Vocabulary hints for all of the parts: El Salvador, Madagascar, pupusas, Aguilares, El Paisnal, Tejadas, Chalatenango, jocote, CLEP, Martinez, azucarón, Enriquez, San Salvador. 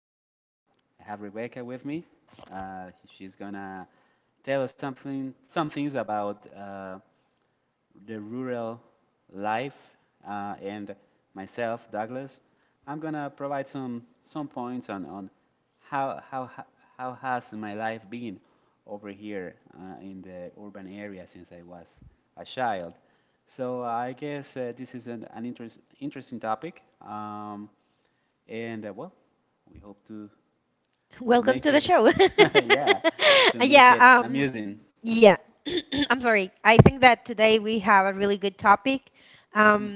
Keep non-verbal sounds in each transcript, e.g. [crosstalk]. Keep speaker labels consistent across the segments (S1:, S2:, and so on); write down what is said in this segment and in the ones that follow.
S1: Um, I have Rebecca with me. She's going to tell us something, some things about the rural life, and myself, Douglas. I'm gonna provide some points on how has my life been over here in the urban area since I was a child. So I guess this is an interest, interesting topic, and well, we hope to make it, [laughs] yeah, to make it amusing. Mm,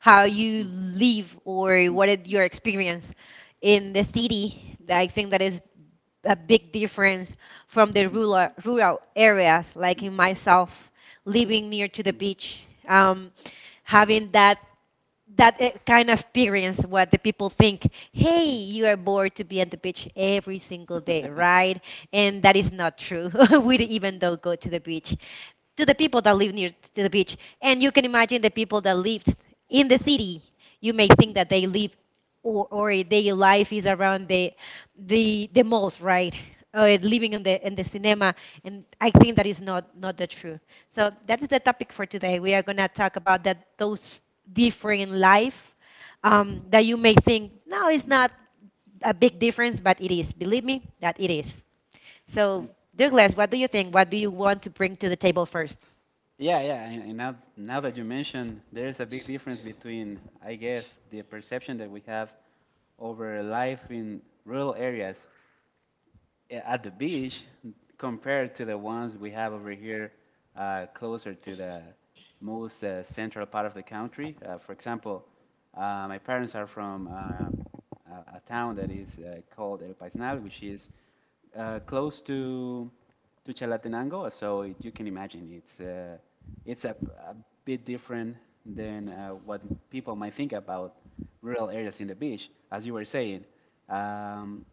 S2: How you
S1: mm.
S2: live or what is your experience in the city. That I think that is a big difference from the rural areas. Like
S1: Mm.
S2: in myself, living near to the beach, having that kind of experience. What the people think, hey,
S1: Mm.
S2: you are bored to be at the beach every single day, right? And that is not true. [laughs] We don't even though go to the beach, to the people that live near to the beach. And you can imagine the people that lived in the city. You may think that they live, or their life is around the the malls, right? Or living in the cinema. And I think that is not the true. So that is the topic for today. We are gonna talk about that those different life, that you may think, no, it's not a big difference, but it is. Believe me, that it is.
S1: Mm.
S2: So Douglas, what do you think? What do you want to bring to the table first?
S1: Yeah, yeah, and now that you mention, there's a big difference between, I guess, the perception that we have over life in rural areas at the beach compared to the ones we have over here closer to the most central part of the country. For example, my parents are from a town that is called El Paisnal, which is close to Chalatenango, so it, you can imagine it's a bit different than what people might think about rural areas in the beach. As you were saying, um,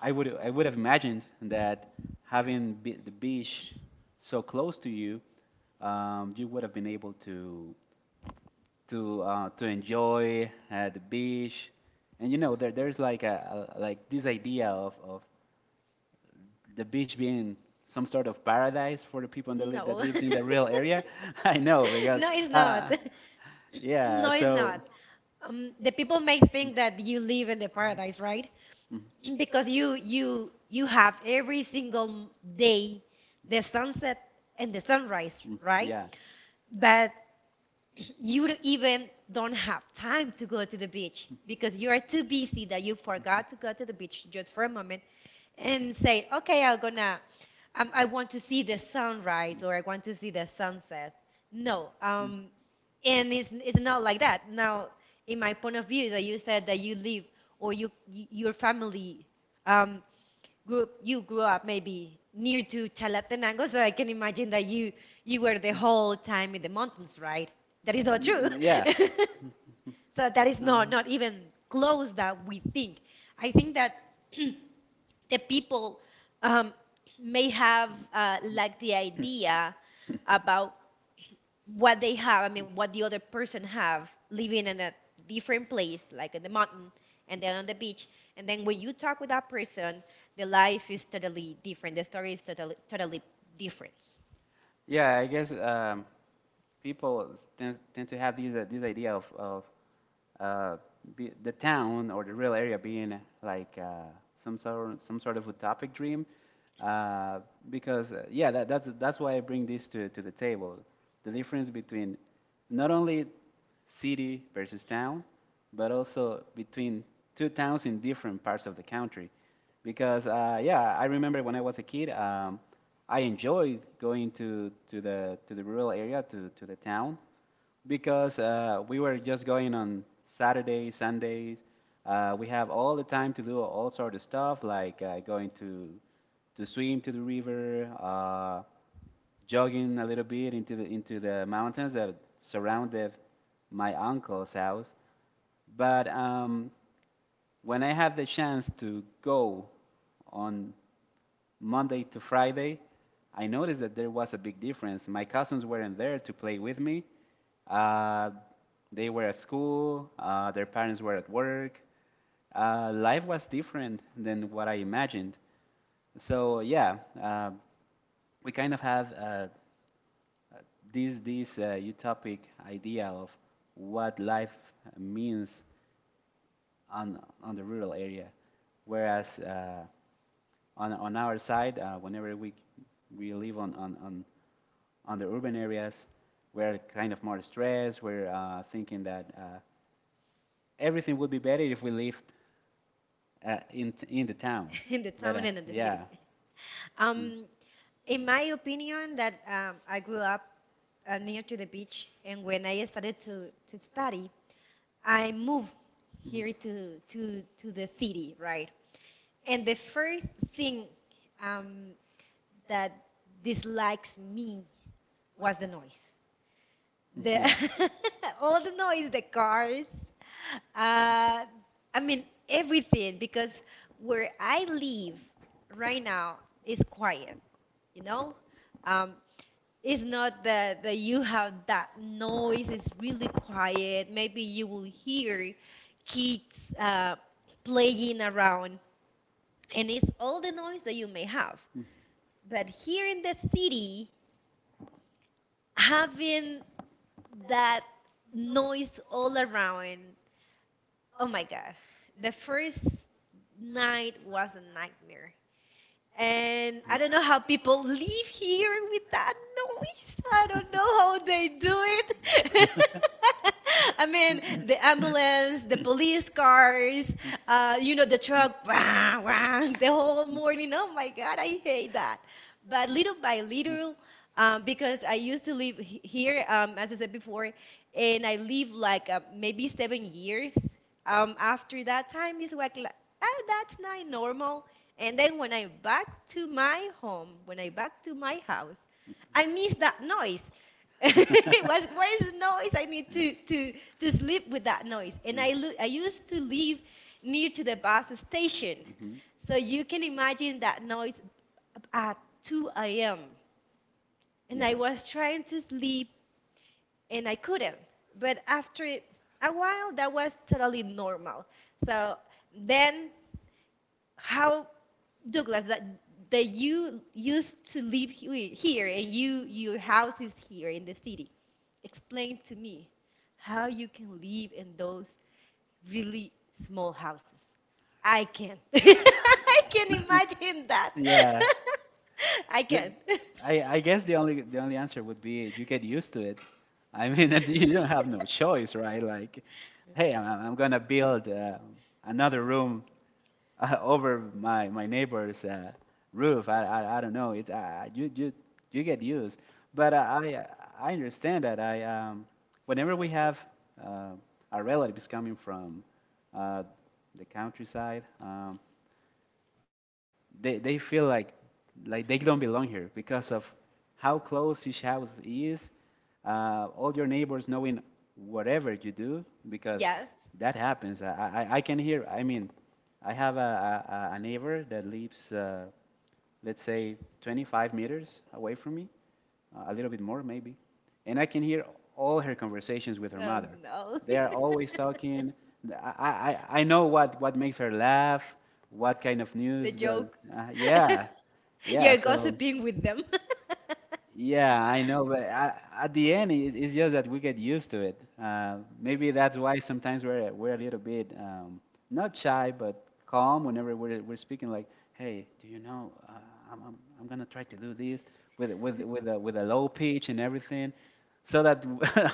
S1: I would have imagined that having be- the beach so close to you, you would have been able to to enjoy the beach, and you know there there's like a like this idea of the beach being some sort of paradise for the people that, li- that
S2: No. [laughs]
S1: lives in the real area. [laughs] I know because
S2: No, it's not.
S1: uh,
S2: [laughs]
S1: yeah,
S2: No, it's
S1: so.
S2: not. The people may think that you live in the paradise, right?
S1: Mm,
S2: [clears throat] Because you have every single day the sunset and the sunrise, right?
S1: Yeah.
S2: But you even don't have time to go to the beach because you are too busy that you forgot to go to the beach just for a moment and say, okay, I'm gonna, I want to see the sunrise, or I want to see the sunset. No, and it's not like that. Now, in my point of view, that you said that you live, or you, your family, um, grew, you grew up maybe near to Chalatenango, so I can imagine that you were the whole time in the mountains, right? That is not true.
S1: [laughs]
S2: [laughs] So that is not even close that we think. I think that [clears throat] the people, um, may have like the idea about what they have. I mean, what the other person have, living in a different place, like in the mountain and then on the beach. And then when you talk with that person, the life is totally different. The story is totally different.
S1: Yeah, I guess people tend, tend to have these this idea of uh, be, the town or the real area being like some sort of utopic dream. Uh, because Yeah, that, that's why I bring this to the table. The difference between not only city versus town, but also between two towns in different parts of the country. Because yeah, I remember when I was a kid. I enjoyed going to, to the rural area to the town because we were just going on Saturdays, Sundays. We have all the time to do all sort of stuff like going to swim to the river, jogging a little bit into the mountains that surrounded my uncle's house. But when I have the chance to go on Monday to Friday, I noticed that there was a big difference. My cousins weren't there to play with me. Uh, they were at school, their parents were at work. Life was different than what I imagined. So yeah, we kind of have this utopic idea of what life means on the rural area, whereas on our side, whenever we live on on the urban areas we're kind of more stressed. We're thinking that everything would be better if we lived in the town.
S2: [laughs] In the
S1: But
S2: town and in the city.
S1: yeah, Mhm.
S2: Um, in my opinion, that I grew up near to the beach, and when I started to study, I moved
S1: Mhm. Mhm.
S2: here to the city, right? And the first thing, um, that dislikes me was the noise. The
S1: yeah. Mhm.
S2: [laughs] all the noise, the cars, uh, I mean everything. Because where I live right now is quiet, you know, um, it's not that you have that noise. It's really quiet. Maybe you will hear kids playing around, and it's all the noise that you may have. But here in the city, having that noise all around, oh my God, the first night was a nightmare. And I don't know how
S1: Mhm.
S2: people live here with
S1: Mhm.
S2: that noise. I don't know how they do it. [laughs] I mean, the ambulance, the police cars,
S1: Mhm.
S2: you know, the truck, [laughs] wah, wah, the whole morning. Oh my God, I hate that. But little by
S1: Mhm.
S2: little,
S1: [laughs]
S2: because I used to live here, as I said before, and I live like maybe 7 years, after that time it's like, oh, that's not normal. And then when I back to my home, when I back to my house, I miss that noise. [laughs] It
S1: [laughs]
S2: was,
S1: [laughs]
S2: where is the noise? I need to sleep with that noise. And
S1: Mm.
S2: I I used to live near to the bus station,
S1: And
S2: so you can imagine that noise at 2 a.m. And I
S1: Yeah.
S2: was trying to sleep and I couldn't. But after a while, that was totally normal. So then how Douglas that you used to live here and you, your house is here in the city. Explain to me how you can live in those really small houses. I can. [laughs] I can imagine that.
S1: trying to Yeah.
S2: [laughs] I can.
S1: But I guess the only answer would be you get used to it. I mean, [laughs] you don't have no
S2: [laughs]
S1: choice, right? Like, hey, I'm gonna build another room [laughs] over my neighbor's roof. I don't know. It you get used, but I understand that I whenever we have uh, our relatives coming from uh, the countryside, they feel like they don't belong here because of how close each house is. All your neighbors knowing whatever you do because Yeah.
S2: Yes.
S1: that happens. I can hear. I mean, I have a neighbor that lives let's say 25 meters away from me, a little bit more maybe. And I can hear all her conversations with her
S2: Oh
S1: mother.
S2: no.
S1: They are always
S2: [laughs]
S1: talking. I know what makes her laugh, what kind of
S2: The
S1: news does.
S2: joke.
S1: Uh, yeah,
S2: [laughs]
S1: yeah.
S2: You're
S1: So
S2: gossiping with them. [laughs]
S1: yeah, I know, but I, at the end, it's just that we get used to it. Maybe that's why sometimes we're a little bit not shy, but calm whenever we're speaking. Like, hey, do you know? I'm, I'm I'm gonna try to do this with a low pitch and everything, so that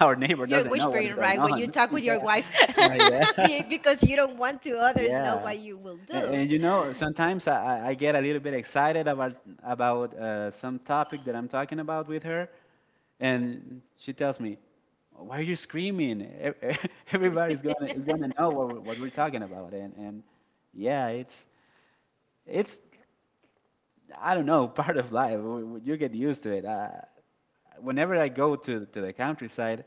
S1: [laughs] our neighbor
S2: You're
S1: doesn't know what is
S2: whispering,
S1: going
S2: right, when you
S1: on. [laughs]
S2: talk with
S1: Yeah,
S2: your wife. [laughs]
S1: yeah. [laughs]
S2: Because you don't want to others know
S1: Yeah.
S2: what you will do.
S1: And you know, sometimes I get a little bit excited about some topic that I'm talking about with her, and she tells me, "Why are you screaming? [laughs] Everybody's gonna
S2: [laughs]
S1: is gonna know what what we're talking about." And yeah, it's I don't know, [laughs] part of life. You get used to it. Whenever I go to the countryside,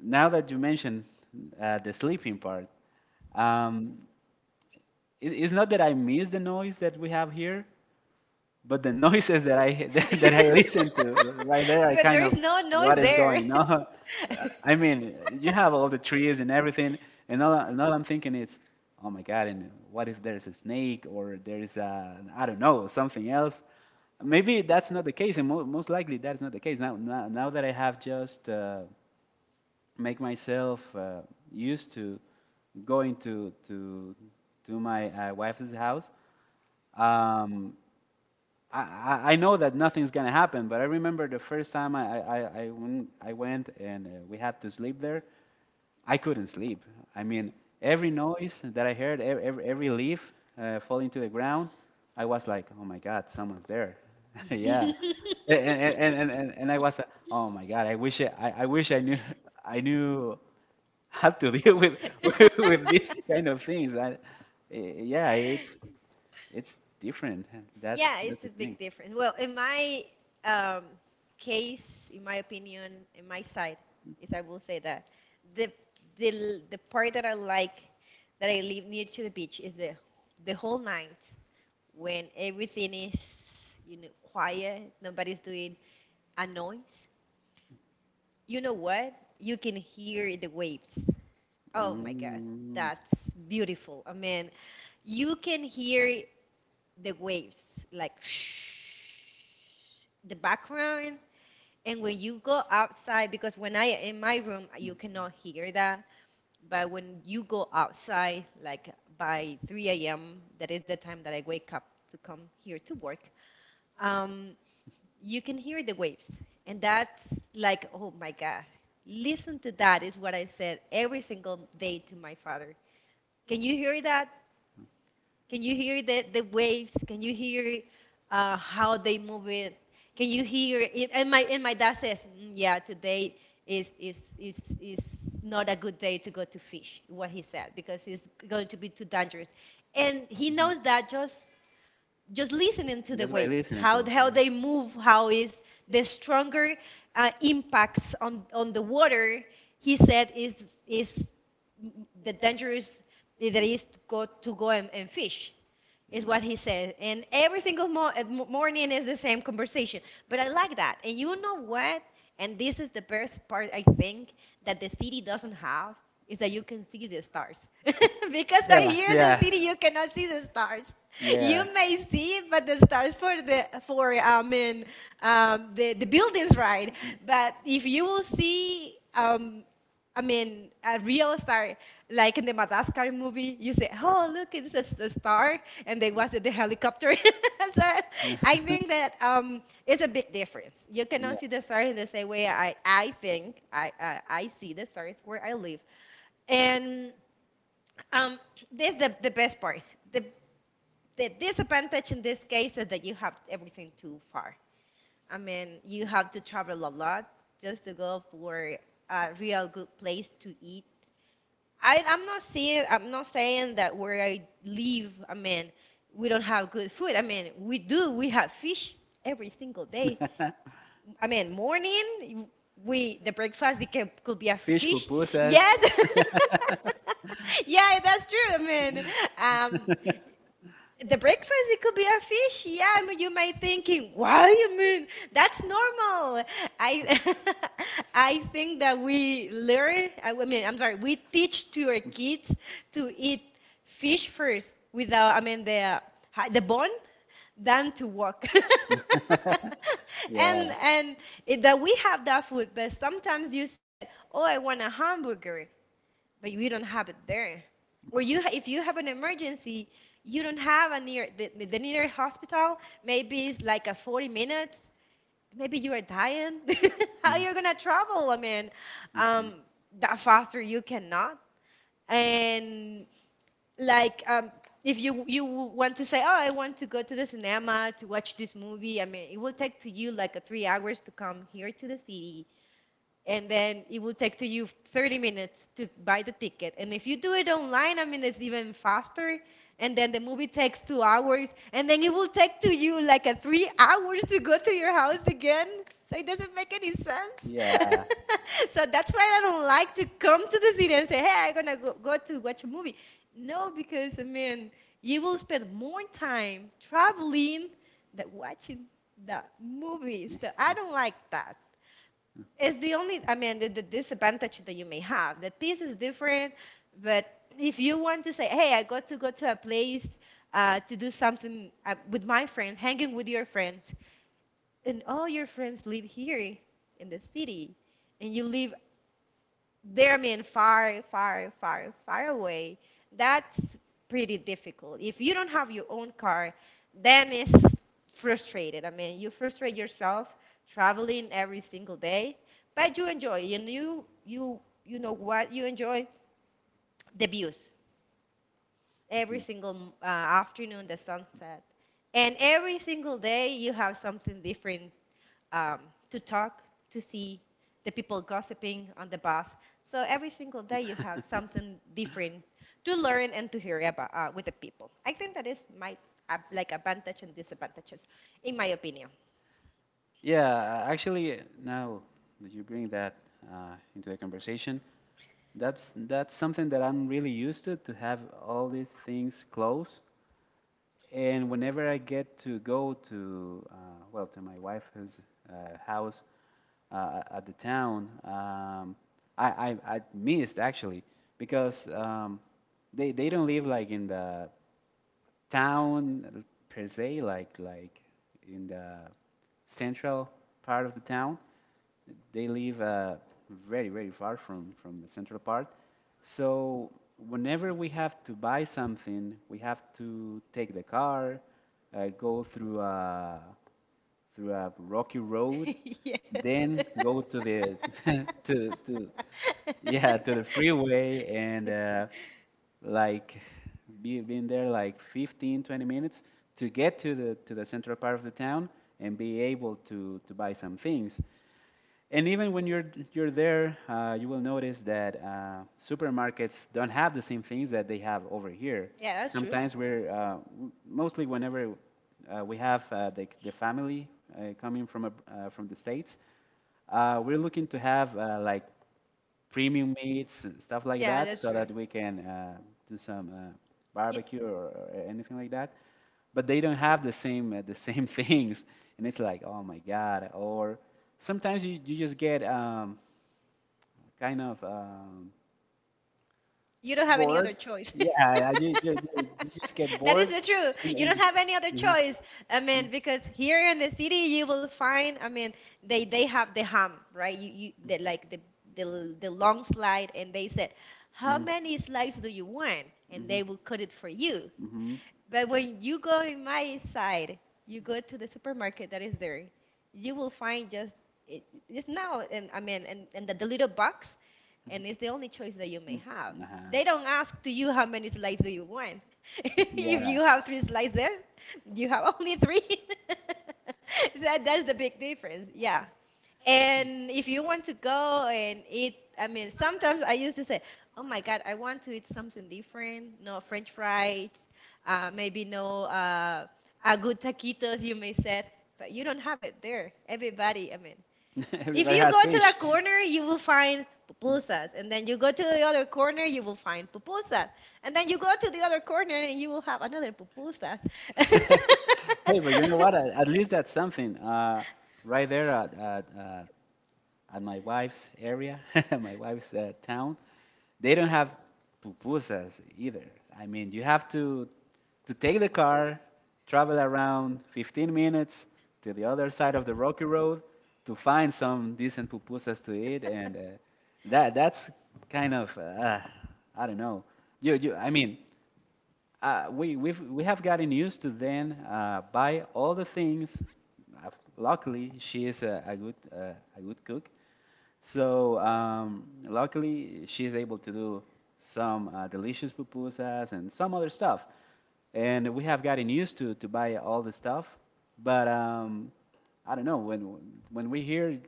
S1: now that you mentioned the sleeping part. Um, it's not that I miss the noise that we have here, but the [laughs] noises that I [laughs] that I listen to right there, I
S2: But there
S1: kind
S2: is
S1: of
S2: no noise
S1: what is
S2: there.
S1: going on. [laughs] I mean, you have all the trees and everything, and all I'm thinking is, oh my God, and what if there's a snake or there's a, I don't know, something else? Maybe that's not the case, and mo- most likely that's not the case. Now that I have just make myself used to going to my wife's house, um, I know that nothing's gonna happen, but I remember the first time I went and we had to sleep there. I couldn't sleep. I mean, every noise that I heard, every leaf falling to the ground, I was like, oh my God, someone's there. [laughs] yeah. And I was, oh my God, I wish I knew, [laughs] I knew how to deal with, [laughs] with these kind of things. Yeah,
S2: [laughs]
S1: it's different.
S2: Yeah,
S1: That's
S2: it's
S1: the
S2: a
S1: thing.
S2: big difference. Well, in my, um, case, in my opinion, in my side, is I will say that the the part that I like, that I live near to the beach, is the whole night, when everything is, you know, quiet, nobody's doing a noise. You know what? You can hear the waves. Oh my God,
S1: Mm.
S2: that's beautiful. I mean, you can hear the waves, like [sniffs] the background. And when you go outside, because when I in my room, you cannot hear that. But when you go outside, like by 3 a.m., that is the time that I wake up to come here to work, um, you can hear the waves. And that's like, oh my God, listen to that, is what I said every single day to my father. Can you hear that? Can you hear the waves? Can you hear how they move it? Can you hear it? And my, and my dad says, "Mm, yeah, today is not a good day to go to fish." What he said, because it's going to be too dangerous, and he
S1: Mhm.
S2: knows that just listening to the
S1: Just by
S2: waves,
S1: listening to
S2: how they
S1: it.
S2: move, how is the stronger impacts on the water. He said is the dangerous that
S1: Yeah.
S2: is to go and fish, is
S1: Mhm.
S2: what he said. And every single morning is the same conversation. But I like that. And you know what? And this is the best part, I think, that the city doesn't have, is that you can see the stars. [laughs] Because
S1: Yeah,
S2: here in the
S1: yeah,
S2: city you cannot see the stars.
S1: yeah.
S2: You may see, but the stars for the, for I mean, the buildings, right?
S1: Mhm.
S2: But if you will see, I mean, a real star, like in the Madagascar movie, you say, "Oh, look, it's a, a star," and they was in the helicopter. [laughs] So I
S1: [laughs]
S2: think that, it's a big difference. You cannot
S1: Yeah.
S2: see the stars in the same way. I think I see the stars where I live, and um, this is the best part. The the disadvantage in this case is that you have everything too far. I mean, you have to travel a lot just to go for a real good place to eat. I'm not saying that where I live, I mean, we don't have good food. I mean, we do. We have fish every single day.
S1: [laughs]
S2: I mean, morning we the breakfast it can, could be a
S1: Fish
S2: fish.
S1: pupusas.
S2: Yes. [laughs] Yeah, that's true. I mean, um, the breakfast it could be a fish. Yeah, I mean, you might thinking why. I mean, that's normal. I [laughs] I think that we learn. I mean, I'm sorry, we teach to our kids to eat fish first without, I mean, the bone than to walk. [laughs] and
S1: Yeah.
S2: and it, that we have that food, but sometimes you said, oh, I want a hamburger, but you don't have it there. Or you, if you have an emergency, you don't have a near the near hospital. Maybe it's like a 40 minutes. Maybe you are dying. [laughs] How
S1: Mhm.
S2: you're gonna travel? I mean,
S1: Mhm.
S2: um, that faster you cannot. And like, if you, you want to say, oh, I want to go to the cinema to watch this movie. I mean, it will take to you like a 3 hours to come here to the city, and then it will take to you 30 minutes to buy the ticket. And if you do it online, I mean, it's even faster. And then the movie takes 2 hours, and then it will take to you like a 3 hours to go to your house again. So it doesn't make any sense.
S1: Yeah.
S2: [laughs] So that's why I don't like to come to the city and say, "Hey, I'm gonna go, go to watch a movie." No, because I mean, you will spend more time traveling than watching the movies.
S1: Yeah.
S2: So I don't like that. It's the only, I mean, the disadvantage that you may have. The piece is different, but if you want to say, hey, I got to go to a place to do something with my friends, hanging with your friends, and all your friends live here in the city, and you live they're, I mean, far away. That's pretty difficult. If you don't have your own car, then it's frustrated. I mean, you frustrate yourself traveling every single day, but you enjoy. You know what, you enjoy the views every
S1: Mhm.
S2: single afternoon, the sunset, and every single day you have something different um, to talk, to see the people gossiping on the bus. So every single day you have something different to learn and to hear about with the people. I think that is my like advantage and disadvantages, in my opinion.
S1: Yeah, actually, now that you bring that into the conversation, that's something that I'm really used to have all these things close. And whenever I get to go to to my wife's house at the town, I, I I missed actually because they don't live like in the town per se, like in the central part of the town. They live very far from the central part. So whenever we have to buy something, we have to take the car, go through a rocky road,
S2: [laughs] Yes.
S1: then
S2: [laughs]
S1: go to the [laughs] to yeah to the freeway and like be, being there like 15, 20 minutes to get to the central part of the town and be able to buy some things. And even when you're there, you will notice that supermarkets don't have the same things that they have over here. Yeah.
S2: Yeah, that's true.
S1: Sometimes we're mostly whenever we have the family coming from from the states. We're looking to have like premium meats and stuff like
S2: Yeah,
S1: that
S2: that's
S1: so
S2: true.
S1: that we can do some
S2: you,
S1: barbecue or anything like that but they don't have the same [laughs] things and it's like oh my god or sometimes you, you just get kind of
S2: You don't have any
S1: bored
S2: other choice.
S1: yeah
S2: [laughs]
S1: you you just get
S2: That
S1: bored
S2: is the truth.
S1: and,
S2: You
S1: and,
S2: don't have any other
S1: uh-huh.
S2: choice. I
S1: mm-hmm.
S2: mean, because here in the city, you will find, I mean, they have the ham, right? Like the the long slide, and they said, how many slices do you want? And they will
S1: Mm-hmm.
S2: cut it for you.
S1: Mm-hmm.
S2: But when you go in my side, you go to the supermarket that is there, you will find just it, it's now, and I mean, and the little box, and it's the only choice that you may have.
S1: Mm-hmm.
S2: They don't
S1: Uh-huh.
S2: ask to you how many slices do you want. [laughs] If you
S1: yeah
S2: have three slices, you have only three. [laughs] That's the big difference. Yeah. And if you want to go and eat, I mean, sometimes I used to say, "Oh my God, I want to eat something different. No French fries, maybe no a good taquitos." You may said, but you don't have it there. Everybody, I mean,
S1: [laughs]
S2: if
S1: Everybody
S2: you
S1: has
S2: go to the
S1: fish.
S2: corner, you will find pupusas, and then you go to the other corner, you will find pupusas, and then you go to the other corner, and you will have another pupusas.
S1: [laughs] Hey, but you know what? At least that's something.
S2: [laughs]
S1: Right there at at my wife's area, [laughs] my wife's town, they don't have pupusas either. I mean, you have to take the car, travel around 15 minutes to the other side of the rocky road to find some decent pupusas to eat, and that that's kind of I don't know. You I mean, we have gotten used to then buy all the things. Uh, Luckily, she is a good cook, so luckily, she's able to do some delicious pupusas and some other stuff. And we have gotten used to buy all the stuff, but I don't know when we hear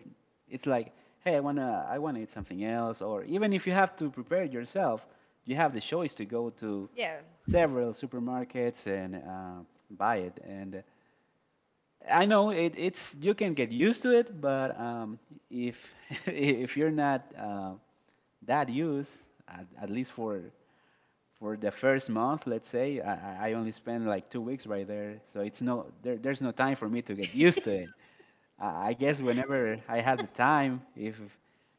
S1: it's like, hey, I wanna eat something else, or even if you have to prepare it yourself, you have the choice to go to
S2: Yeah.
S1: several supermarkets and buy it. And I know it's you can get used to it, but if [laughs] if you're not that used, at least for the first month, let's say, I only spend like 2 weeks right there, so it's no there's no time for me to get used to it. I guess whenever I have the time, if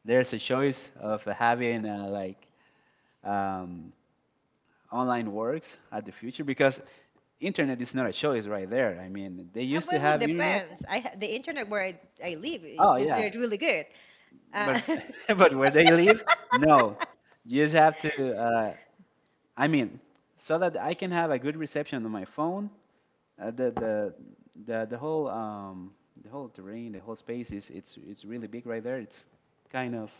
S1: there's a choice of having like um, online works at the future, because internet is not a choice right there. I mean, they used to
S2: Well, it
S1: have internet.
S2: depends. The internet where I live
S1: Oh
S2: is
S1: yeah,
S2: really good.
S1: but
S2: Uh, [laughs]
S1: [laughs] but where they live no you just have to I mean so that I can have a good reception on my phone. Uh, the the whole um the whole terrain, the whole space is it's really big right there. It's kind of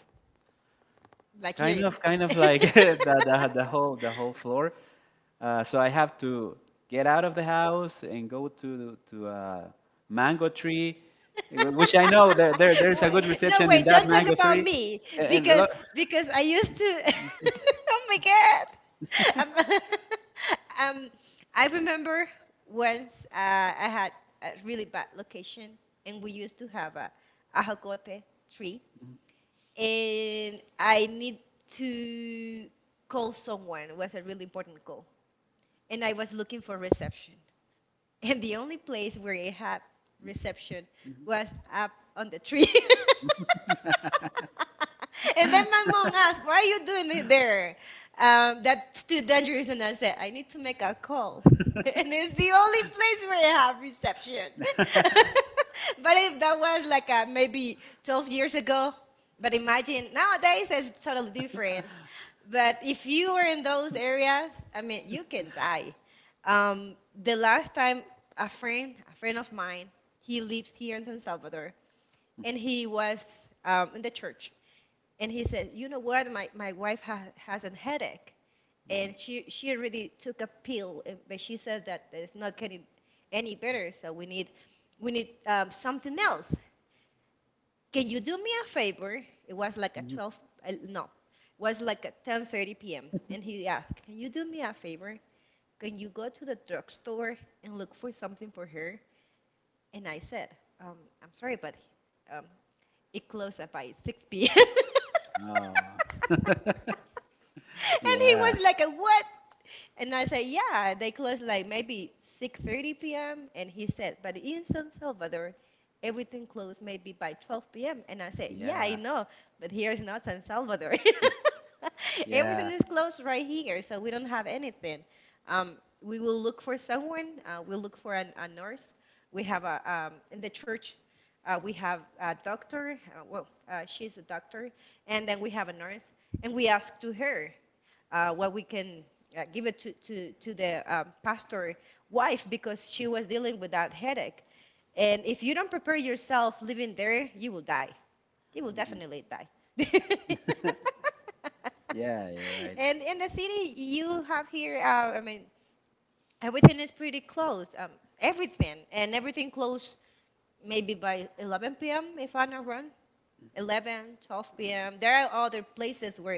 S2: like here.
S1: kind of
S2: [laughs]
S1: like [laughs] the whole floor. So I have to get out of the house and go to a mango tree which I know there's a good
S2: Wait, no,
S1: reception in
S2: wait,
S1: that
S2: don't talk
S1: mango
S2: about
S1: tree,
S2: me
S1: and,
S2: because
S1: look.
S2: because I used to. [laughs] Oh my God. Um, [laughs] um, I remember once I had a really bad location, and we used to have a ajocote tree, and I need to call someone. It was a really important call. And I was looking for reception. [laughs] And the only place where I had reception was up on the tree. [laughs] And then my mom asked, "Why are you doing it there? That's too dangerous." And I said, "I need to make a call. [laughs] And it's the
S1: [laughs]
S2: only place where I have reception." [laughs] But if that was like maybe 12 years ago, but imagine nowadays it's totally different. But if you were in those areas, I mean, you can die. Um, the last time a friend of mine, he lives here in San Salvador, and he was in the church, and he said, "You know what? My wife has a headache, and she already took a pill, and but she said that it's not getting any better. So we need something else. Can you do me a favor?" It was like a
S1: Mhm.
S2: 12, no, was like at 10:30 p.m., and he asked, "Can you do me a favor? Can you go to the drugstore and look for something for her?" And I said, "Um, I'm sorry, but um, it closed at by 6 p.m." [laughs]
S1: Oh, [laughs]
S2: And he
S1: yeah,
S2: was like, "What?" And I said, "Yeah, they close like maybe 6:30 p.m." And he said, "But in San Salvador, everything closed maybe by 12 p.m." And I said, "Yeah, I
S1: yeah,
S2: know, but here is not San Salvador. [laughs] Everything
S1: yeah,
S2: is closed right here, so we don't have anything. Um, we will look for someone. We'll look for a nurse." We have a in the church. We have a doctor. Well, she's a doctor, and then we have a nurse. And we asked to her, what we can give it to the pastor wife, because she was dealing with that headache. And if you don't prepare yourself living there, you will die. You will definitely die. [laughs]
S1: yeah. You're right.
S2: And in the city you have here, I mean, everything is pretty close. Everything, and everything closed maybe by 11 p.m. if I'm not wrong. 11, 12 p.m. There are other places where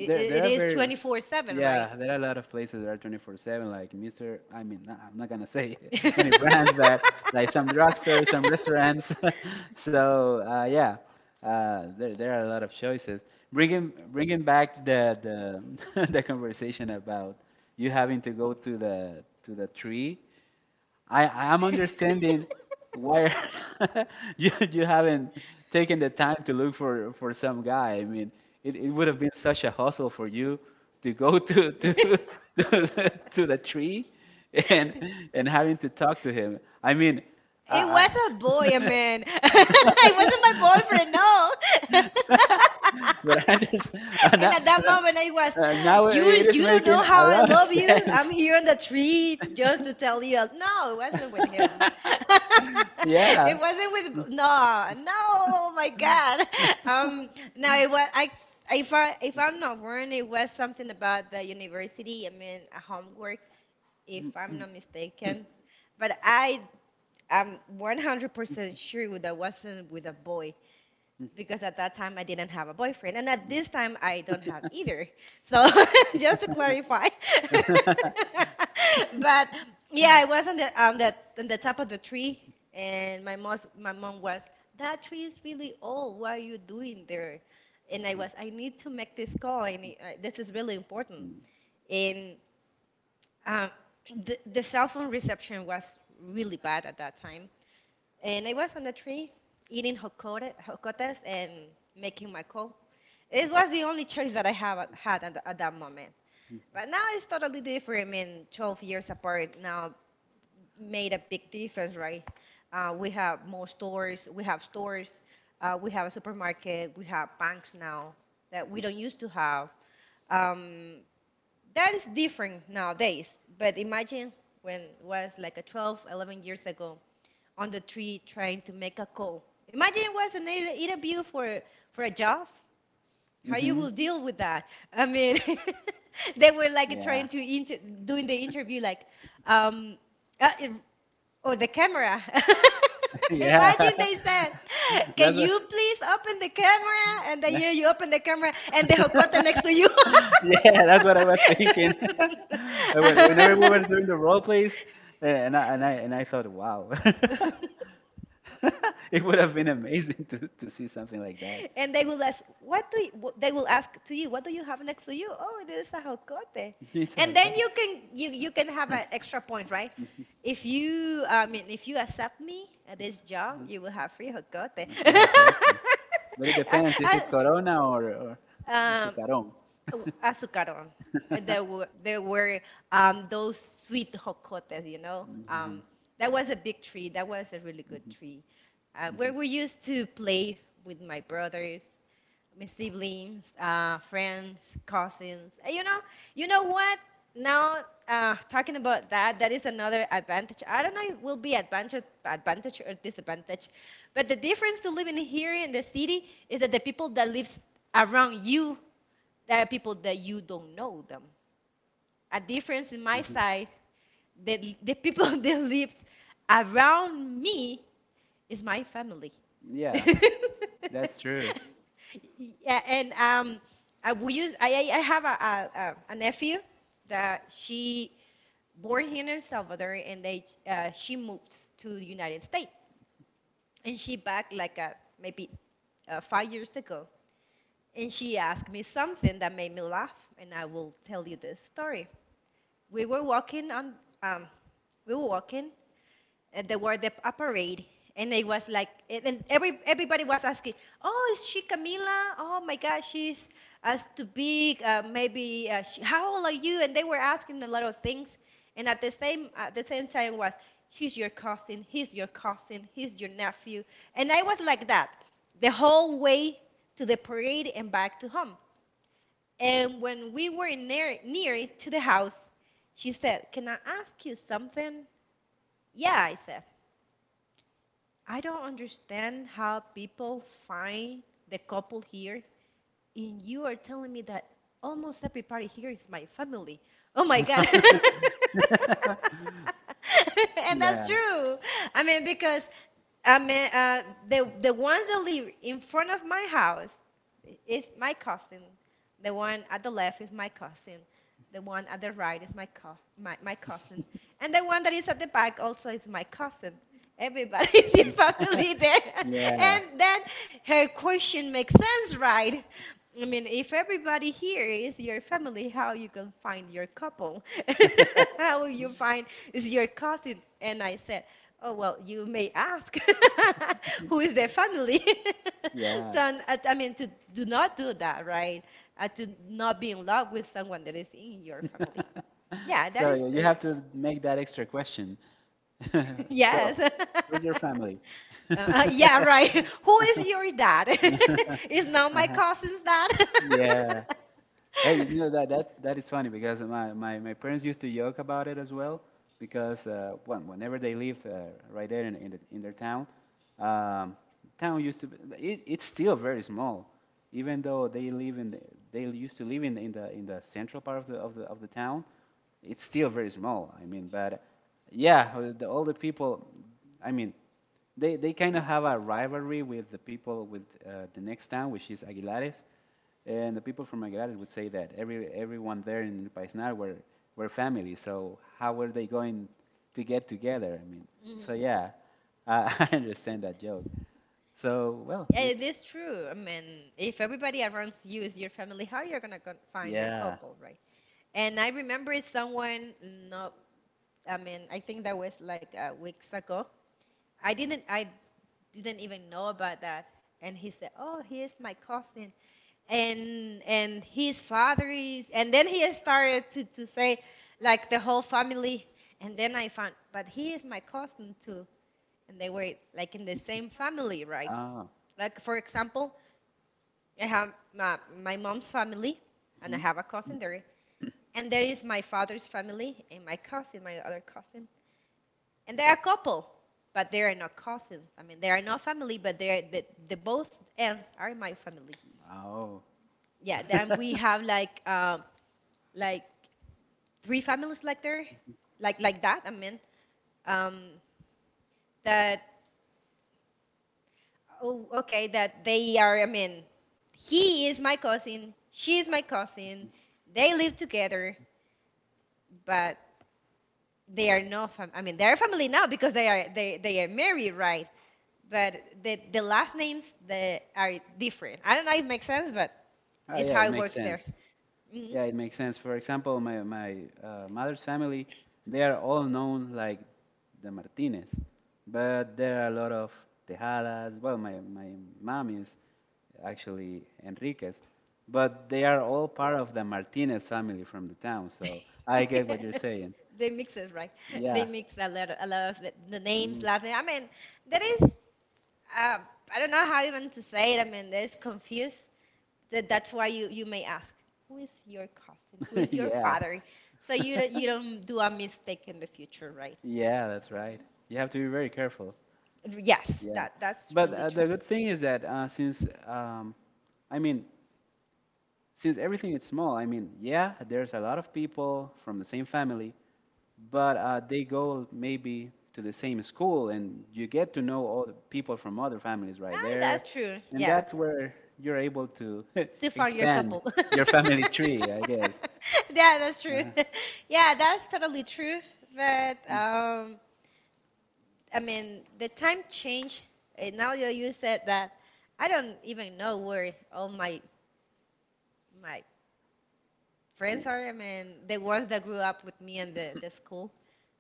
S1: There, there
S2: it
S1: are
S2: is 24/7, right?
S1: yeah, there are a lot of places that are 24/7. Like Mr. I mean, nah, I'm not gonna say [laughs] any
S2: [laughs]
S1: brands, but like some drugstores, some restaurants. [laughs] So yeah, there are a lot of choices. Bringing back the [laughs] the conversation about you having to go to the tree. I'm understanding why [laughs] you haven't taken the time to look for some guy. I mean, it would have been such a hustle for you to go to [laughs] to the tree and having to talk to him. I mean,
S2: It was
S1: I
S2: a boy, I mean. [laughs] It wasn't my boyfriend, no. [laughs]
S1: [laughs] but I understand. [laughs]
S2: And at that moment, I was,
S1: Now
S2: you
S1: it is
S2: you don't
S1: making
S2: know how
S1: a
S2: I
S1: lot of
S2: love you. I'm
S1: sense. [laughs]
S2: here on the tree just to tell you." No, it wasn't with him. [laughs] It
S1: Yeah.
S2: wasn't with no, no. Oh my God. Um. No, it was I. If I if I'm not wrong, it was something about the university. I mean, a homework, if I'm not mistaken. But I am 100% sure that wasn't with a boy, because at that time I didn't have a boyfriend, and at this time I don't have either. So [laughs] just to clarify, [laughs] but yeah, I was on the on the top of the tree, and my mom was, "That tree is really old. What are you doing there?" And I was, "I need to make this call. I need, this is really important." And um, the cell phone reception was really bad at that time, and I was on the tree eating jocotes and making my coal. It was the only choice that I have had at that moment. But now it's totally different. I mean, 12 years apart now made a big difference, right? We have more stores, we have a supermarket, we have banks now that we don't used to have. Um, that is different nowadays, but imagine when it was like a 12, 11 years ago on the tree trying to make a call. Imagine it was an interview for a job. How you
S1: Mm-hmm.
S2: will deal with that? I mean, [laughs] they were like
S1: Yeah.
S2: trying to doing the interview like, um, uh, or the camera.
S1: [laughs]
S2: [laughs]
S1: Yeah.
S2: Imagine they said,
S1: [laughs]
S2: "Can
S1: That's what,
S2: you please open the camera?" And then you open the
S1: [laughs]
S2: camera and the hocota next to you.
S1: yeah, that's what I was thinking. [laughs] Whenever we were doing the role plays, and I thought, wow, [laughs]
S2: [laughs]
S1: it would have been amazing to see something like that.
S2: And they will ask, "What do you, they will ask to you, "What do you have next to you?" "Oh, this is a jocote."
S1: [laughs] It's a
S2: And then
S1: alcohol.
S2: you can you can have an extra point, right? If you I mean, if you accept me at this job, you will have free jocote.
S1: I feel like alcohol.
S2: [laughs]
S1: Thing. But it depends. Is
S2: I,
S1: it Corona or
S2: I, um,
S1: Azucarón?
S2: azucarón. There were those sweet jocotes, you know.
S1: Uh-huh.
S2: That was a big tree. That was a really good tree. Where we used to play with my siblings, friends, cousins. And you know what? Now, talking about that, that is another advantage. I don't know if it will be advantage, advantage or disadvantage, but the difference to living here in the city is that the people that lives around you, there are people that you don't know them. A difference in my side, the people [laughs] that lives around me it's my family.
S1: Yeah,
S2: [laughs]
S1: that's true.
S2: Yeah, and I, we use, I have a nephew that she born here in El Salvador, and they she moved to the United States, and she back like maybe 5 years ago, and she asked me something that made me laugh, and I will tell you this story. We were walking on, um, we were walking, at the word the a parade, and it was like, and every everybody was asking, "Oh, is she Camila? Oh my God, she's as too big, maybe she, how old are you?" And they were asking a lot of things, and at the same time was, "She's your cousin? He's your cousin? He's your nephew?" And I was like that the whole way to the parade and back to home. And when we were near to the house, she said, "Can I ask you something?" "Yeah," I said. "I don't understand how people find the couple here, and you are telling me that almost everybody here is my family." Oh my God. [laughs] And
S1: Yeah,
S2: that's true. I mean, because I mean, the ones that live in front of my house is my cousin. The one at the left is my cousin. The one at the right is my my cousin, and the one that is at the back also is my cousin. Everybody [laughs] is in family there, [laughs]
S1: yeah,
S2: and then her question makes sense, right? I mean, if everybody here is your family, how you can find your couple? [laughs] How will you find is your cousin? And I said, Oh, well, you may ask [laughs] who is their family. [laughs]
S1: yeah.
S2: So, I mean, to do not do that, right? To not be in love with someone that is in your family. Yeah, that
S1: So
S2: is.
S1: you have to make that extra question. [laughs]
S2: [laughs]
S1: So,
S2: Yes.
S1: who's your
S2: [laughs]
S1: family? [laughs]
S2: Yeah, right. [laughs] Who is your dad? [laughs] Is now my
S1: Uh-huh.
S2: cousin's dad? [laughs]
S1: Yeah. Hey, you know that is funny because my parents used to joke about it as well because whenever they lived right there in their town, um, town used to be, it's still very small, even though they live in the, they used to live in the, in the central part of the town, it's still very small. I mean, but yeah, all the people. I mean, they kind of have a rivalry with the people with the next town, which is Aguilares, and the people from Aguilares would say that everyone there in El Paisnar were family. So how were they going to get together? I mean,
S2: Mhm.
S1: so yeah, [laughs] I understand that joke. So well,
S2: Yeah, it
S1: it's
S2: is true. I mean, if everybody around you is your family, how you're gonna go find your
S1: yeah.
S2: couple, right? And I remember someone, no, I mean, I think that was like weeks ago. I didn't even know about that. And he said, "Oh, he is my cousin," and his father is. And then he started to say, like the whole family. And then I found, but he is my cousin too. And they were like in the same family, right?
S1: Oh.
S2: Like for example, I have my mom's family, and I have a
S1: Mhm.
S2: cousin there. And there is my father's family and my cousin, my other cousin. And they're a couple, but they are not cousins. I mean, they are not family, but they're the both ends are my family.
S1: Oh.
S2: Yeah. Then we have
S1: [laughs]
S2: like three families like there, like that. I mean, um, that, oh, okay, that they are. I mean, he is my cousin. She is my cousin. They live together, but they are not I mean they're family now because they are married, right? But the last names they are different. I don't know if it makes sense, but
S1: Oh
S2: it's
S1: yeah,
S2: how
S1: it
S2: it
S1: makes
S2: works there.
S1: sense.
S2: Hmm.
S1: Yeah, it makes sense. For example, my mother's family, they are all known like the Martinez, but there are a lot of Tejadas. Well, my mom is actually Enriquez, but they are all part of the Martinez family from the town. So I get
S2: [laughs]
S1: what you're saying.
S2: They mix it, right? They
S1: Yeah.
S2: mix a lot of the names,
S1: Hmm.
S2: last name, I mean, that is um, I don't know how even to say it. I mean there's confused. That's why you may ask who is your cousin, who
S1: [laughs]
S2: is your
S1: Yeah.
S2: father, so you don't do a mistake in the future, right?
S1: Yeah, that's right.
S2: Mm-hmm.
S1: You have to be very careful.
S2: Yes,
S1: Yeah.
S2: that's
S1: But
S2: really
S1: the
S2: true.
S1: good thing is that since I mean since everything is small, I mean, yeah, there's a lot of people from the same family, but they go maybe to the same school, and you get to know all the people from other families right
S2: Ah,
S1: there,
S2: that's true.
S1: and
S2: Yeah.
S1: that's where you're able to [laughs]
S2: Define your
S1: expand
S2: couple. [laughs]
S1: your family tree, I guess.
S2: Yeah, that's true.
S1: Uh,
S2: [laughs] Yeah, that's totally true. But
S1: y-
S2: I mean, the time change. Now that you said that, I don't even know where all my my friends are. I mean, the ones that grew up with me and the school.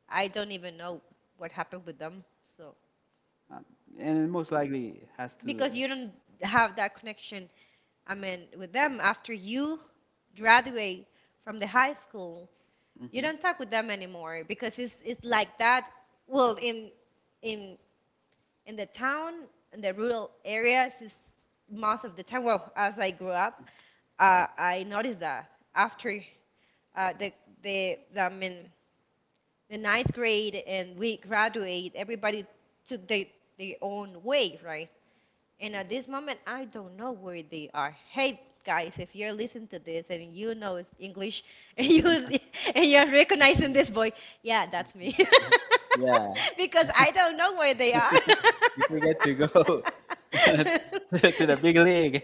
S2: I don't even know what happened with them. So
S1: um, and it most likely has to.
S2: because you don't have that connection, I mean, with them after you graduate from the high school, you
S1: Mhm,
S2: don't talk with them anymore because it's like that. Well, in in the town in the rural areas, it's most of the time. Well, as I grew up, I noticed that after uh, the I mean the ninth grade and we graduate, everybody took their own way, right? And at this moment, I don't know where they are. Hey, guys, if you're listening to this and you know it's English [laughs] and you and you're recognizing
S1: mhm.
S2: this boy, yeah, that's me,
S1: Yeah,
S2: [laughs] because I don't know where they are.
S1: you
S2: [laughs]
S1: forget to go [laughs] to the big league.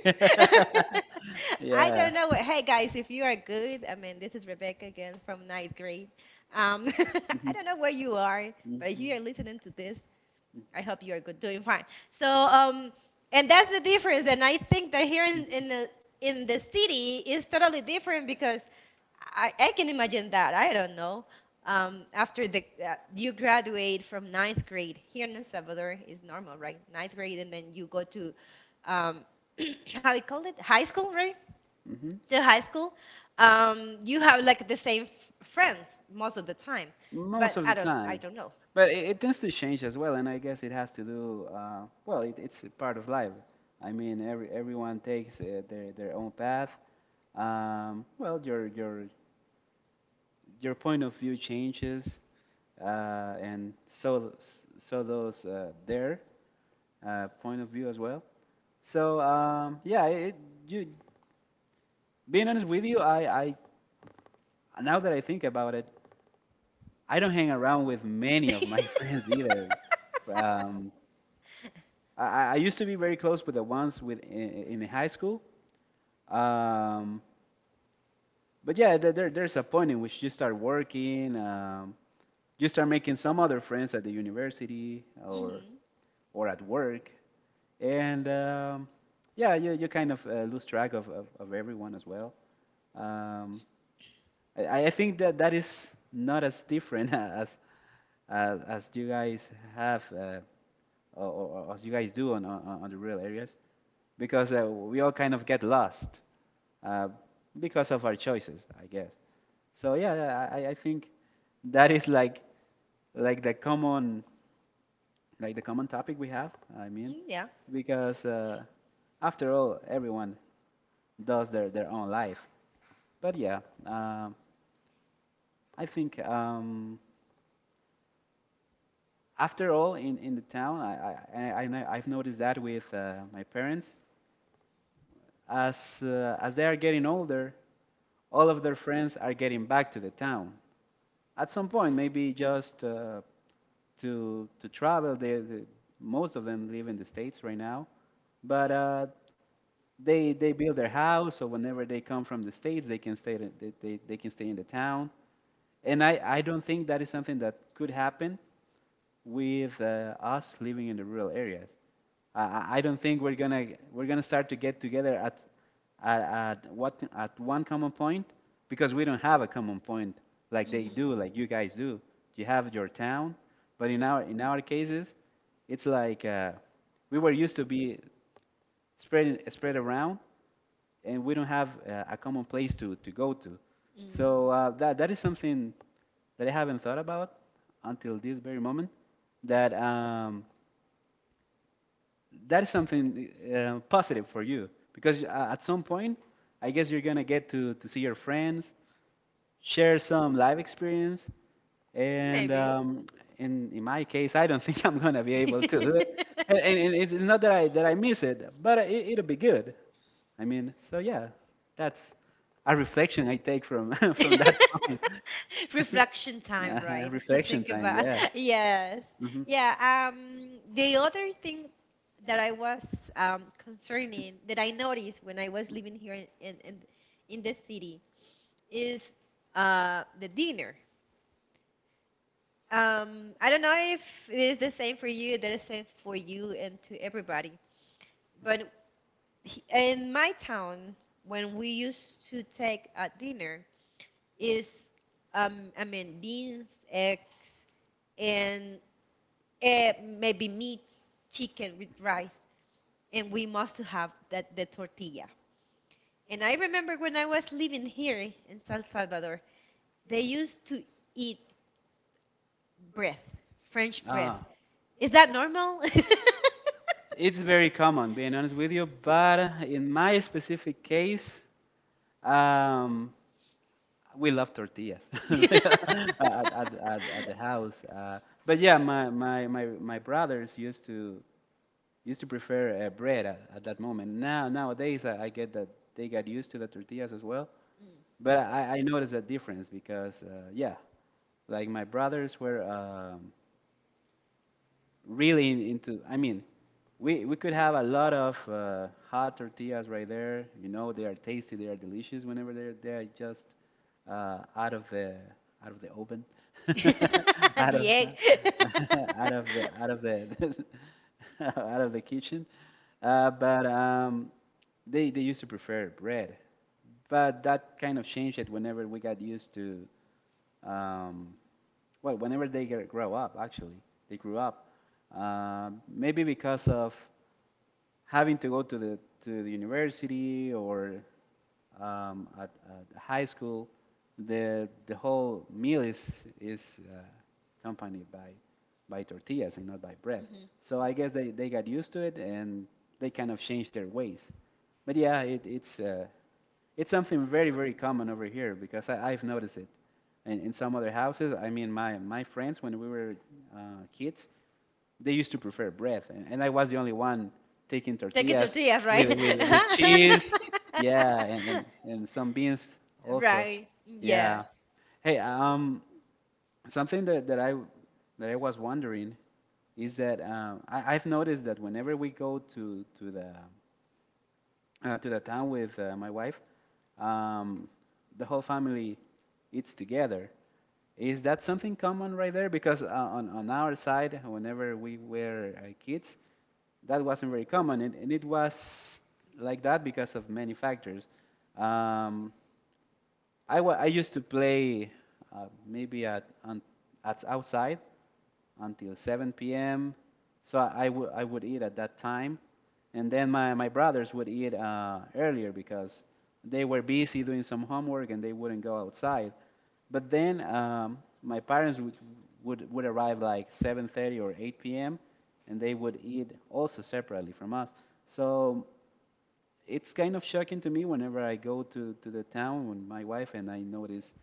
S1: [laughs]
S2: I
S1: Yeah.
S2: don't know. Hey guys, if you are good, I mean, this is Rebecca again from ninth grade. Um, [laughs] I don't
S1: Hmm.
S2: know where you are, but if
S1: Hmm.
S2: you are listening to this, I hope you are good, doing fine. So, and that's the difference. And I think that here in the city is totally different because I can imagine that. I don't know. After the you graduate from ninth grade here in El Salvador is normal, right? Ninth grade, and then you go to um, [clears throat] how we call it high school, right? To high school, you have like the same friends most of the time.
S1: Most
S2: But
S1: of the
S2: I don't I
S1: time.
S2: don't know.
S1: But it tends to change as well, and I guess it has to do, well, it's a part of life. I mean, everyone takes their own path. Well, your point of view changes, and so those their point of view as well. So yeah, it, you being honest with you, I now that I think about it, I don't hang around with many of my [laughs]
S2: [laughs]
S1: friends either. Um, I used to be very close with the ones with in high school, um, but yeah, there's a point in which you start working, you start making some other friends at the university or
S2: Mhm.
S1: or at work, and yeah, you kind of lose track of everyone as well. Um, I think that that is not as different [laughs] as you guys have or as you guys do on the rural areas because we all kind of get lost uh, because of our choices, I guess. So yeah, yeah, I think that is like the common like the common topic we have. I mean,
S2: Mm, yeah.
S1: because after all, everyone does their own life. But yeah, um, I think after all, in the town, I have noticed that with my parents. As they are getting older, all of their friends are getting back to the town. At some point, maybe just to travel, most of them live in the States right now, but they build their house, so whenever they come from the States, they can stay, they can stay in the town. And I don't think that is something that could happen with us living in the rural areas. I, I don't think we're gonna start to get together at at one common point because we don't have a common point like they do,
S2: Mhm.
S1: like you guys do. You have your town, but in our cases, it's like we were used to be spread around, and we don't have a common place to go to. So
S2: Mm.
S1: that is something that I haven't thought about until this very moment. That that is something positive for you because at some point, I guess you're gonna get to see your friends, share some life experience, and
S2: Maybe.
S1: in my case, I don't [laughs] think I'm gonna be able to do it.
S2: [laughs]
S1: And it's not that I miss it, but it'll be good. I mean, so yeah, that's a reflection I take from [laughs] from that
S2: [laughs]
S1: point.
S2: Reflection time,
S1: Uh,
S2: right? To
S1: reflection
S2: think
S1: time,
S2: about.
S1: yeah.
S2: [laughs] Yes.
S1: Hmm.
S2: Yeah. The other thing that I was concerning that I noticed when I was living here in the city is the dinner. I don't know if it is the same for you, that is same for you and to everybody. But in my town, when we used to take at dinner, is I mean beans, eggs, and maybe meat, chicken with rice, and we must have that the tortilla. And I remember when I was living here in San Salvador, they used to eat bread, French bread.
S1: Ah,
S2: Is that normal?
S1: it's very common, being honest with you, but in my specific case, um, we love tortillas [laughs] at the house. But yeah, my brothers used to prefer bread at that moment. Nowadays, I get that they got used to the tortillas as well.
S2: [laughs] [laughs]
S1: But I noticed a difference because, yeah, like my brothers were really into, I mean, we could have a lot of hot tortillas right there, you know, they are tasty, they are delicious whenever they're just uh, out of the out of the oven. [laughs]
S2: [laughs]
S1: Out
S2: The
S1: of
S2: egg. [laughs]
S1: [laughs] out of the [laughs] out of the kitchen. But they used to prefer bread, but that kind of changed it whenever we got used to um, well, whenever they grow up, actually, they grew up. Maybe because of having to go to the university or um, at, at high school, the whole meal is accompanied by tortillas and not by bread.
S2: Mhm.
S1: So I guess they got used to it and they kind of changed their ways. But yeah, it's something very very common over here because I've noticed it in some other houses. I mean, my friends, when we were uh, kids, they used to prefer bread, and, I was the only one taking
S2: Take a
S1: tortillas
S2: tortilla, right?
S1: with,
S2: [laughs]
S1: with, with cheese, yeah, and, and some beans also.
S2: Right.
S1: Yeah.
S2: Yeah.
S1: Hey, something that I was wondering is that I've noticed that whenever we go to the to the town with my wife, um, the whole family eats together. Is that something common right there? Because on our side, whenever we were kids, that wasn't very common. And, it was like that because of many factors. Um, I used to play maybe at on, at outside until 7 p.m. So I would eat at that time, and then my brothers would eat earlier because they were busy doing some homework and they wouldn't go outside. But then my parents would arrive like 7:30 or 8 p.m. and they would eat also separately from us. So it's kind of shocking to me whenever I go to the town when my wife and I notice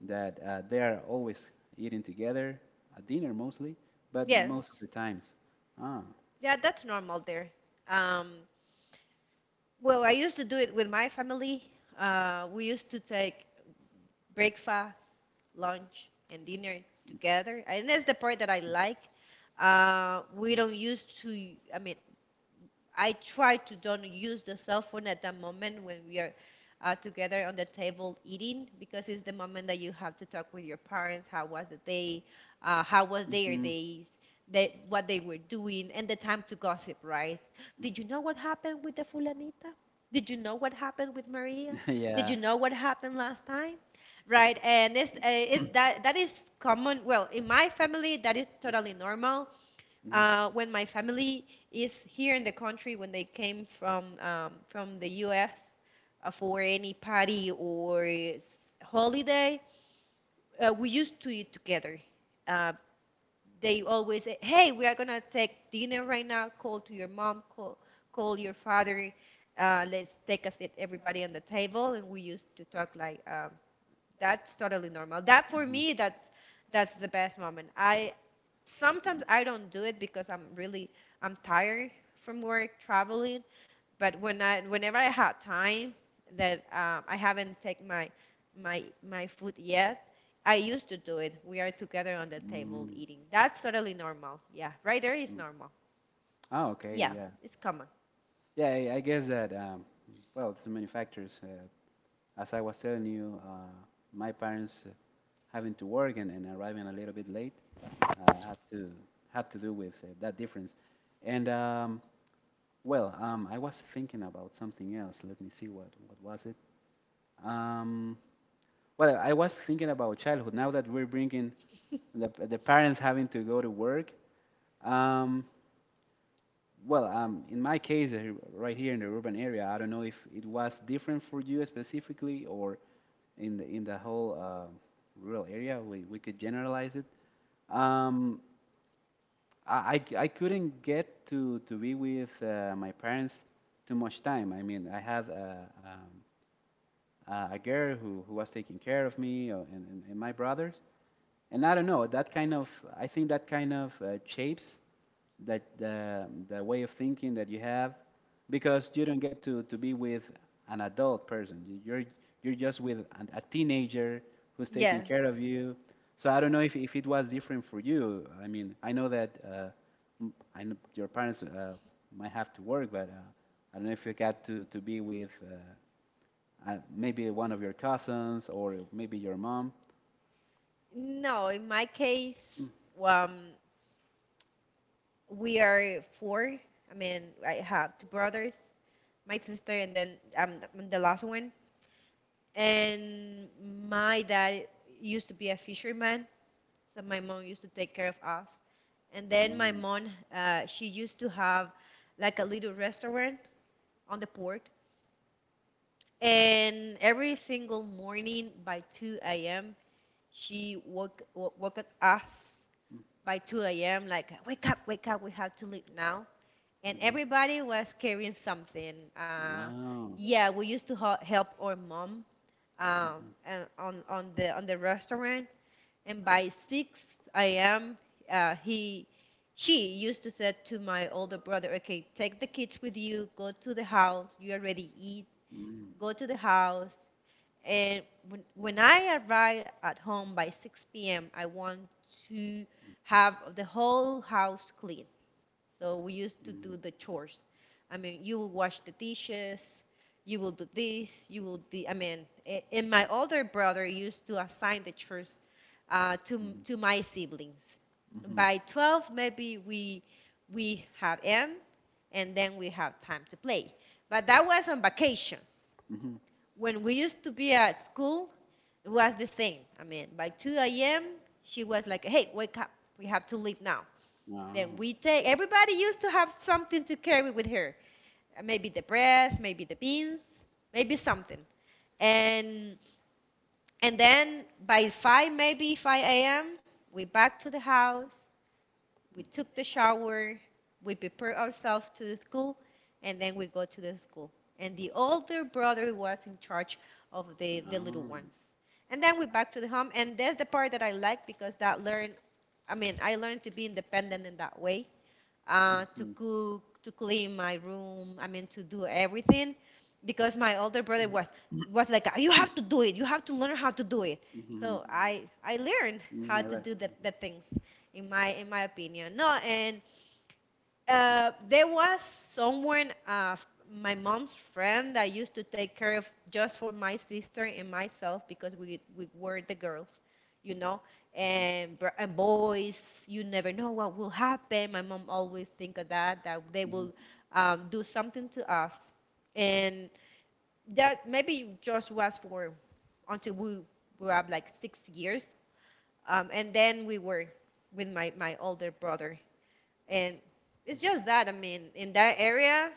S1: that they are always eating together at dinner mostly, but most of
S2: Yes.
S1: the times. Ah.
S2: Yeah, that's normal there. Um, well, I used to do it with my family. We used to take breakfast, lunch, and dinner together. And that's the part that I like. We don't used to, I mean, I try to don't use the cell phone at the moment when we are together on the table eating because it's the moment that you have to talk with your parents. How was the day? How was their
S1: hmm
S2: days? They, what they were doing and the time to gossip, right? Did you know what happened with the fulanita? Did you know what happened with Maria?
S1: [laughs]
S2: Did
S1: yeah.
S2: you know what happened last time? Right, and it's that that is common. Well, in my family, that is totally normal
S1: Mm.
S2: when my family is here in the country, when they came from the U.S. For any party or holiday, we used to eat together. Uh, they always say, "Hey, we are gonna take dinner right now. Call to your mom. Call your father. Let's take a seat, everybody on the table." And we used to talk like that's totally normal. That for me, that's the best moment. I sometimes I don't do it because I'm tired from work traveling, but whenever I have time that I haven't taken my food yet, I used to do it. We are together on the
S1: Mhm.
S2: table
S1: Mm,
S2: eating. That's totally normal. Yeah, right there is
S1: mm.
S2: normal.
S1: Oh, okay,
S2: Yeah,
S1: yeah.
S2: it's common.
S1: Yeah, I guess that, well, it's many factors. As I was telling you, my parents having to work and, arriving a little bit late, uh, had to had to do with that difference. And well, I was thinking about something else. Let me see what was it. Um, well, I was thinking about childhood. Now that we're bringing the parents having to go to work. Um, well, in my case, right here in the urban area, I don't know if it was different for you specifically or in the whole rural area. We could generalize it. Um, I couldn't get to be with my parents too much time. I mean, I have a, a girl who, was taking care of me and my brothers. And I don't know, that kind of, I think that kind of shapes that the, way of thinking that you have because you don't get to be with an adult person. You- are You're just with a teenager who's taking
S2: Yeah.
S1: care of you. So I don't know if, it was different for you. I mean, I know that I know your parents might have to work, but I don't know if you got to be with maybe one of your cousins or maybe your mom.
S2: No, in my
S1: Mm.
S2: case, um, we are four. I mean, I have two brothers, my sister, and then I'm the last one. And my dad used to be a fisherman, so my mom used to take care of us. And then my
S1: Mhm.
S2: mom, she used to have like a little restaurant on the port. And every single morning by 2 a.m., she woke us
S1: Mm.
S2: by 2 a.m. like, wake up, we have to leave now. And
S1: Mhm.
S2: everybody was carrying something.
S1: Wow.
S2: Yeah, we used to help our mom
S1: Mhm.
S2: and on the restaurant, and by 6 a.m. He she used to say to my older brother, "Okay, take the kids with you. Go to the house. You already eat.
S1: Mm.
S2: Go to the house." And when I arrive at home by 6 p.m., I want to have the whole house clean. So we used to
S1: Mhm.
S2: do the chores. I mean, you will wash the dishes, you will do this, you will do. I mean, and my older brother used to assign the chores to
S1: Mhm.
S2: to my siblings.
S1: Mm.
S2: By 12, maybe we have end, and then we have time to play. But that was on vacations.
S1: Mhm.
S2: When we used to be at school, it was the same. I mean, by 2 a.m., she was like, "Hey, wake up! We have to leave now." Then
S1: Wow.
S2: we take,
S1: Mm.
S2: everybody used to have something to carry with her. Maybe the bread, maybe the beans, maybe something. And and then by 5, maybe 5 a.m., we back to the house, we took the shower, we prepare ourselves to the school, and then we go to the school. And the older brother was in charge of the little
S1: Oh.
S2: ones. And then we back to the home, and that's the part that I like because that learn, I mean, I learned to be independent in that way to
S1: Mm.
S2: cook, to clean my room. I mean, to do everything, because my older brother was like, you have to do it. You have to learn how to do it.
S1: Mhm.
S2: So I learned
S1: Mm,
S2: how
S1: I
S2: to
S1: like.
S2: do the things, in my opinion. No, and there was someone, my mom's friend, that used to take care of just for my sister and myself because we were the girls, you know, and and boys. You never know what will happen. My mom always think of that they
S1: Mhm.
S2: will do something to us, and that maybe just was for until we were up like 6 years, and then we were with my older brother and it's
S1: Mm.
S2: just that, I mean, in that area,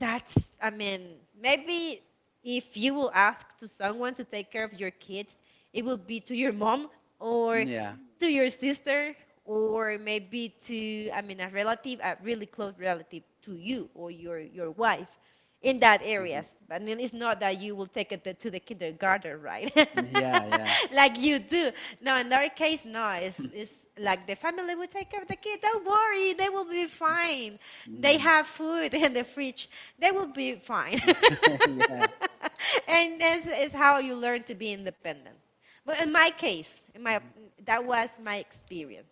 S2: that's, I mean, maybe if you will ask to someone to take care of your kids, it will be to your mom or
S1: Yeah.
S2: to your sister or maybe to, I mean, a relative, a really close relative to you or your wife in that
S1: Mhm.
S2: areas. But then it's not that you will take it to the kindergarten, right?
S1: Yeah. Yeah.
S2: [laughs] Like you do. No, in their
S1: Mhm.
S2: case, no. It's like the family will take care of the kid. Don't worry, they will be fine. They have food in the fridge. They will be fine.
S1: [laughs] yeah.
S2: [laughs] And this is how you learn to be independent. But in my case, in my that was my experience.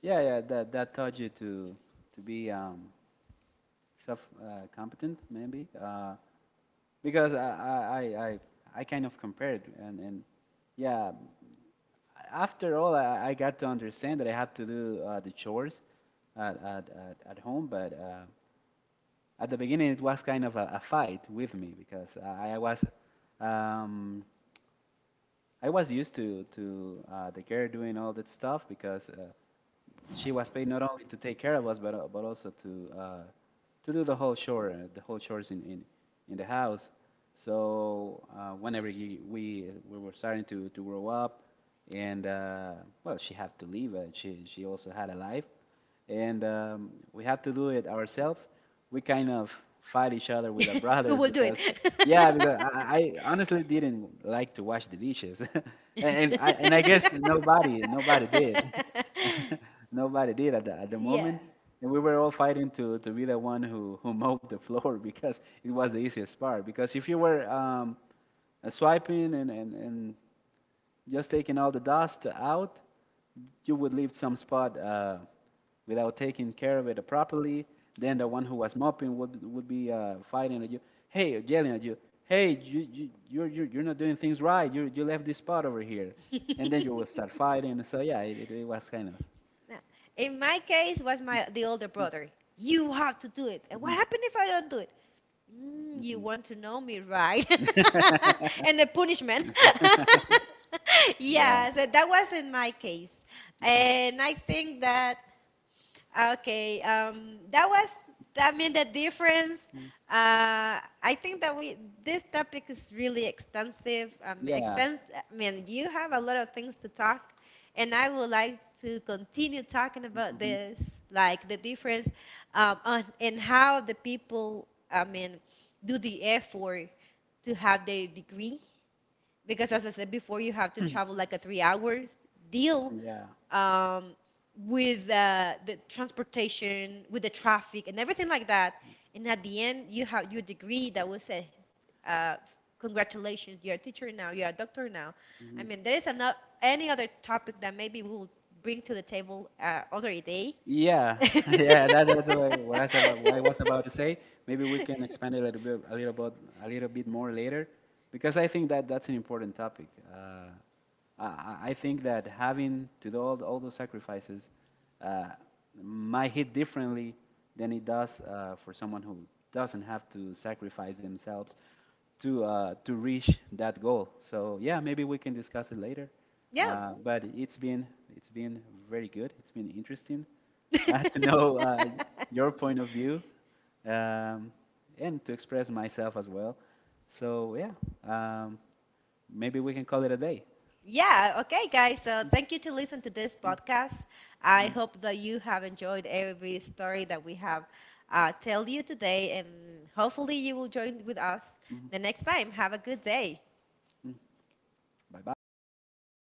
S1: Yeah, yeah, that taught you to be self competent, maybe. Because I kind of compared and yeah. After all, I got to understand that I had to do the chores at home, but at the beginning it was kind of a, fight with me because um, I was used to the girl doing all that stuff because she was paid not only to take care of us, but also to do the whole chore, the whole chores in in the house. So whenever you, we were starting to grow up, and well, she had to leave. She also had a life, and we have to do it ourselves. We kind of fight each other with our
S2: [laughs] Who
S1: brothers
S2: will do it?
S1: because, yeah, because I honestly didn't like to wash the dishes, [laughs] and I guess nobody did,
S2: [laughs]
S1: [laughs] nobody did at the
S2: Yeah.
S1: moment, and we were all fighting to be the one who mowed the floor [laughs] because it was the easiest part. Because if you were swiping and just taking all the dust out, you would leave some spot without taking care of it properly. Then the one who was mopping would be fighting at you. Hey, yelling at you. Hey, you're not doing things right. You left this spot over here, and then you will start
S2: [laughs]
S1: fighting. So yeah, it was kind of.
S2: Yeah. In my case, was my the older brother. You have to do it. And what
S1: hmm
S2: happened if I don't do it? Mm, you
S1: hmm
S2: want to know me, right? [laughs] And the punishment. [laughs]
S1: Yeah.
S2: Yeah, so that was in my case. And I think that Okay, that was, I mean, the difference.
S1: Mm,
S2: I think that we this topic is really extensive.
S1: Yeah.
S2: Expense. I mean, you have a lot of things to talk, and I would like to continue talking about
S1: Mhm,
S2: this, like the difference, on and how the people, I mean, do the effort to have their degree because as I said before, you have to travel like a 3 hours deal
S1: Yeah.
S2: um, with the transportation, with the traffic, and everything like that. And at the end, you have your degree that will say, uh, "Congratulations, you're a teacher now, you're a doctor now." I
S1: mhm.
S2: mean, there is not any other topic that maybe we'll bring to the table other day.
S1: Yeah, [laughs] yeah, that, what I said, what I was about to say. Maybe we can expand it a little bit, a little bit more later, because I think that that's an important topic. Uh, I think that having to do all, those sacrifices uh, might hit differently than it does for someone who doesn't have to sacrifice themselves to reach that goal. So yeah, maybe we can discuss it later.
S2: [laughs] Yeah.
S1: But it's been very good. It's been interesting. I had to know
S2: [laughs]
S1: your point of view um, and to express myself as well. So, yeah, um, maybe we can call it a day.
S2: Yeah, okay, guys. So thank you to listen to this podcast. I hope that you have enjoyed every story that we have tell you today, and hopefully you will join with us the next time. Have a good day.
S1: Bye bye.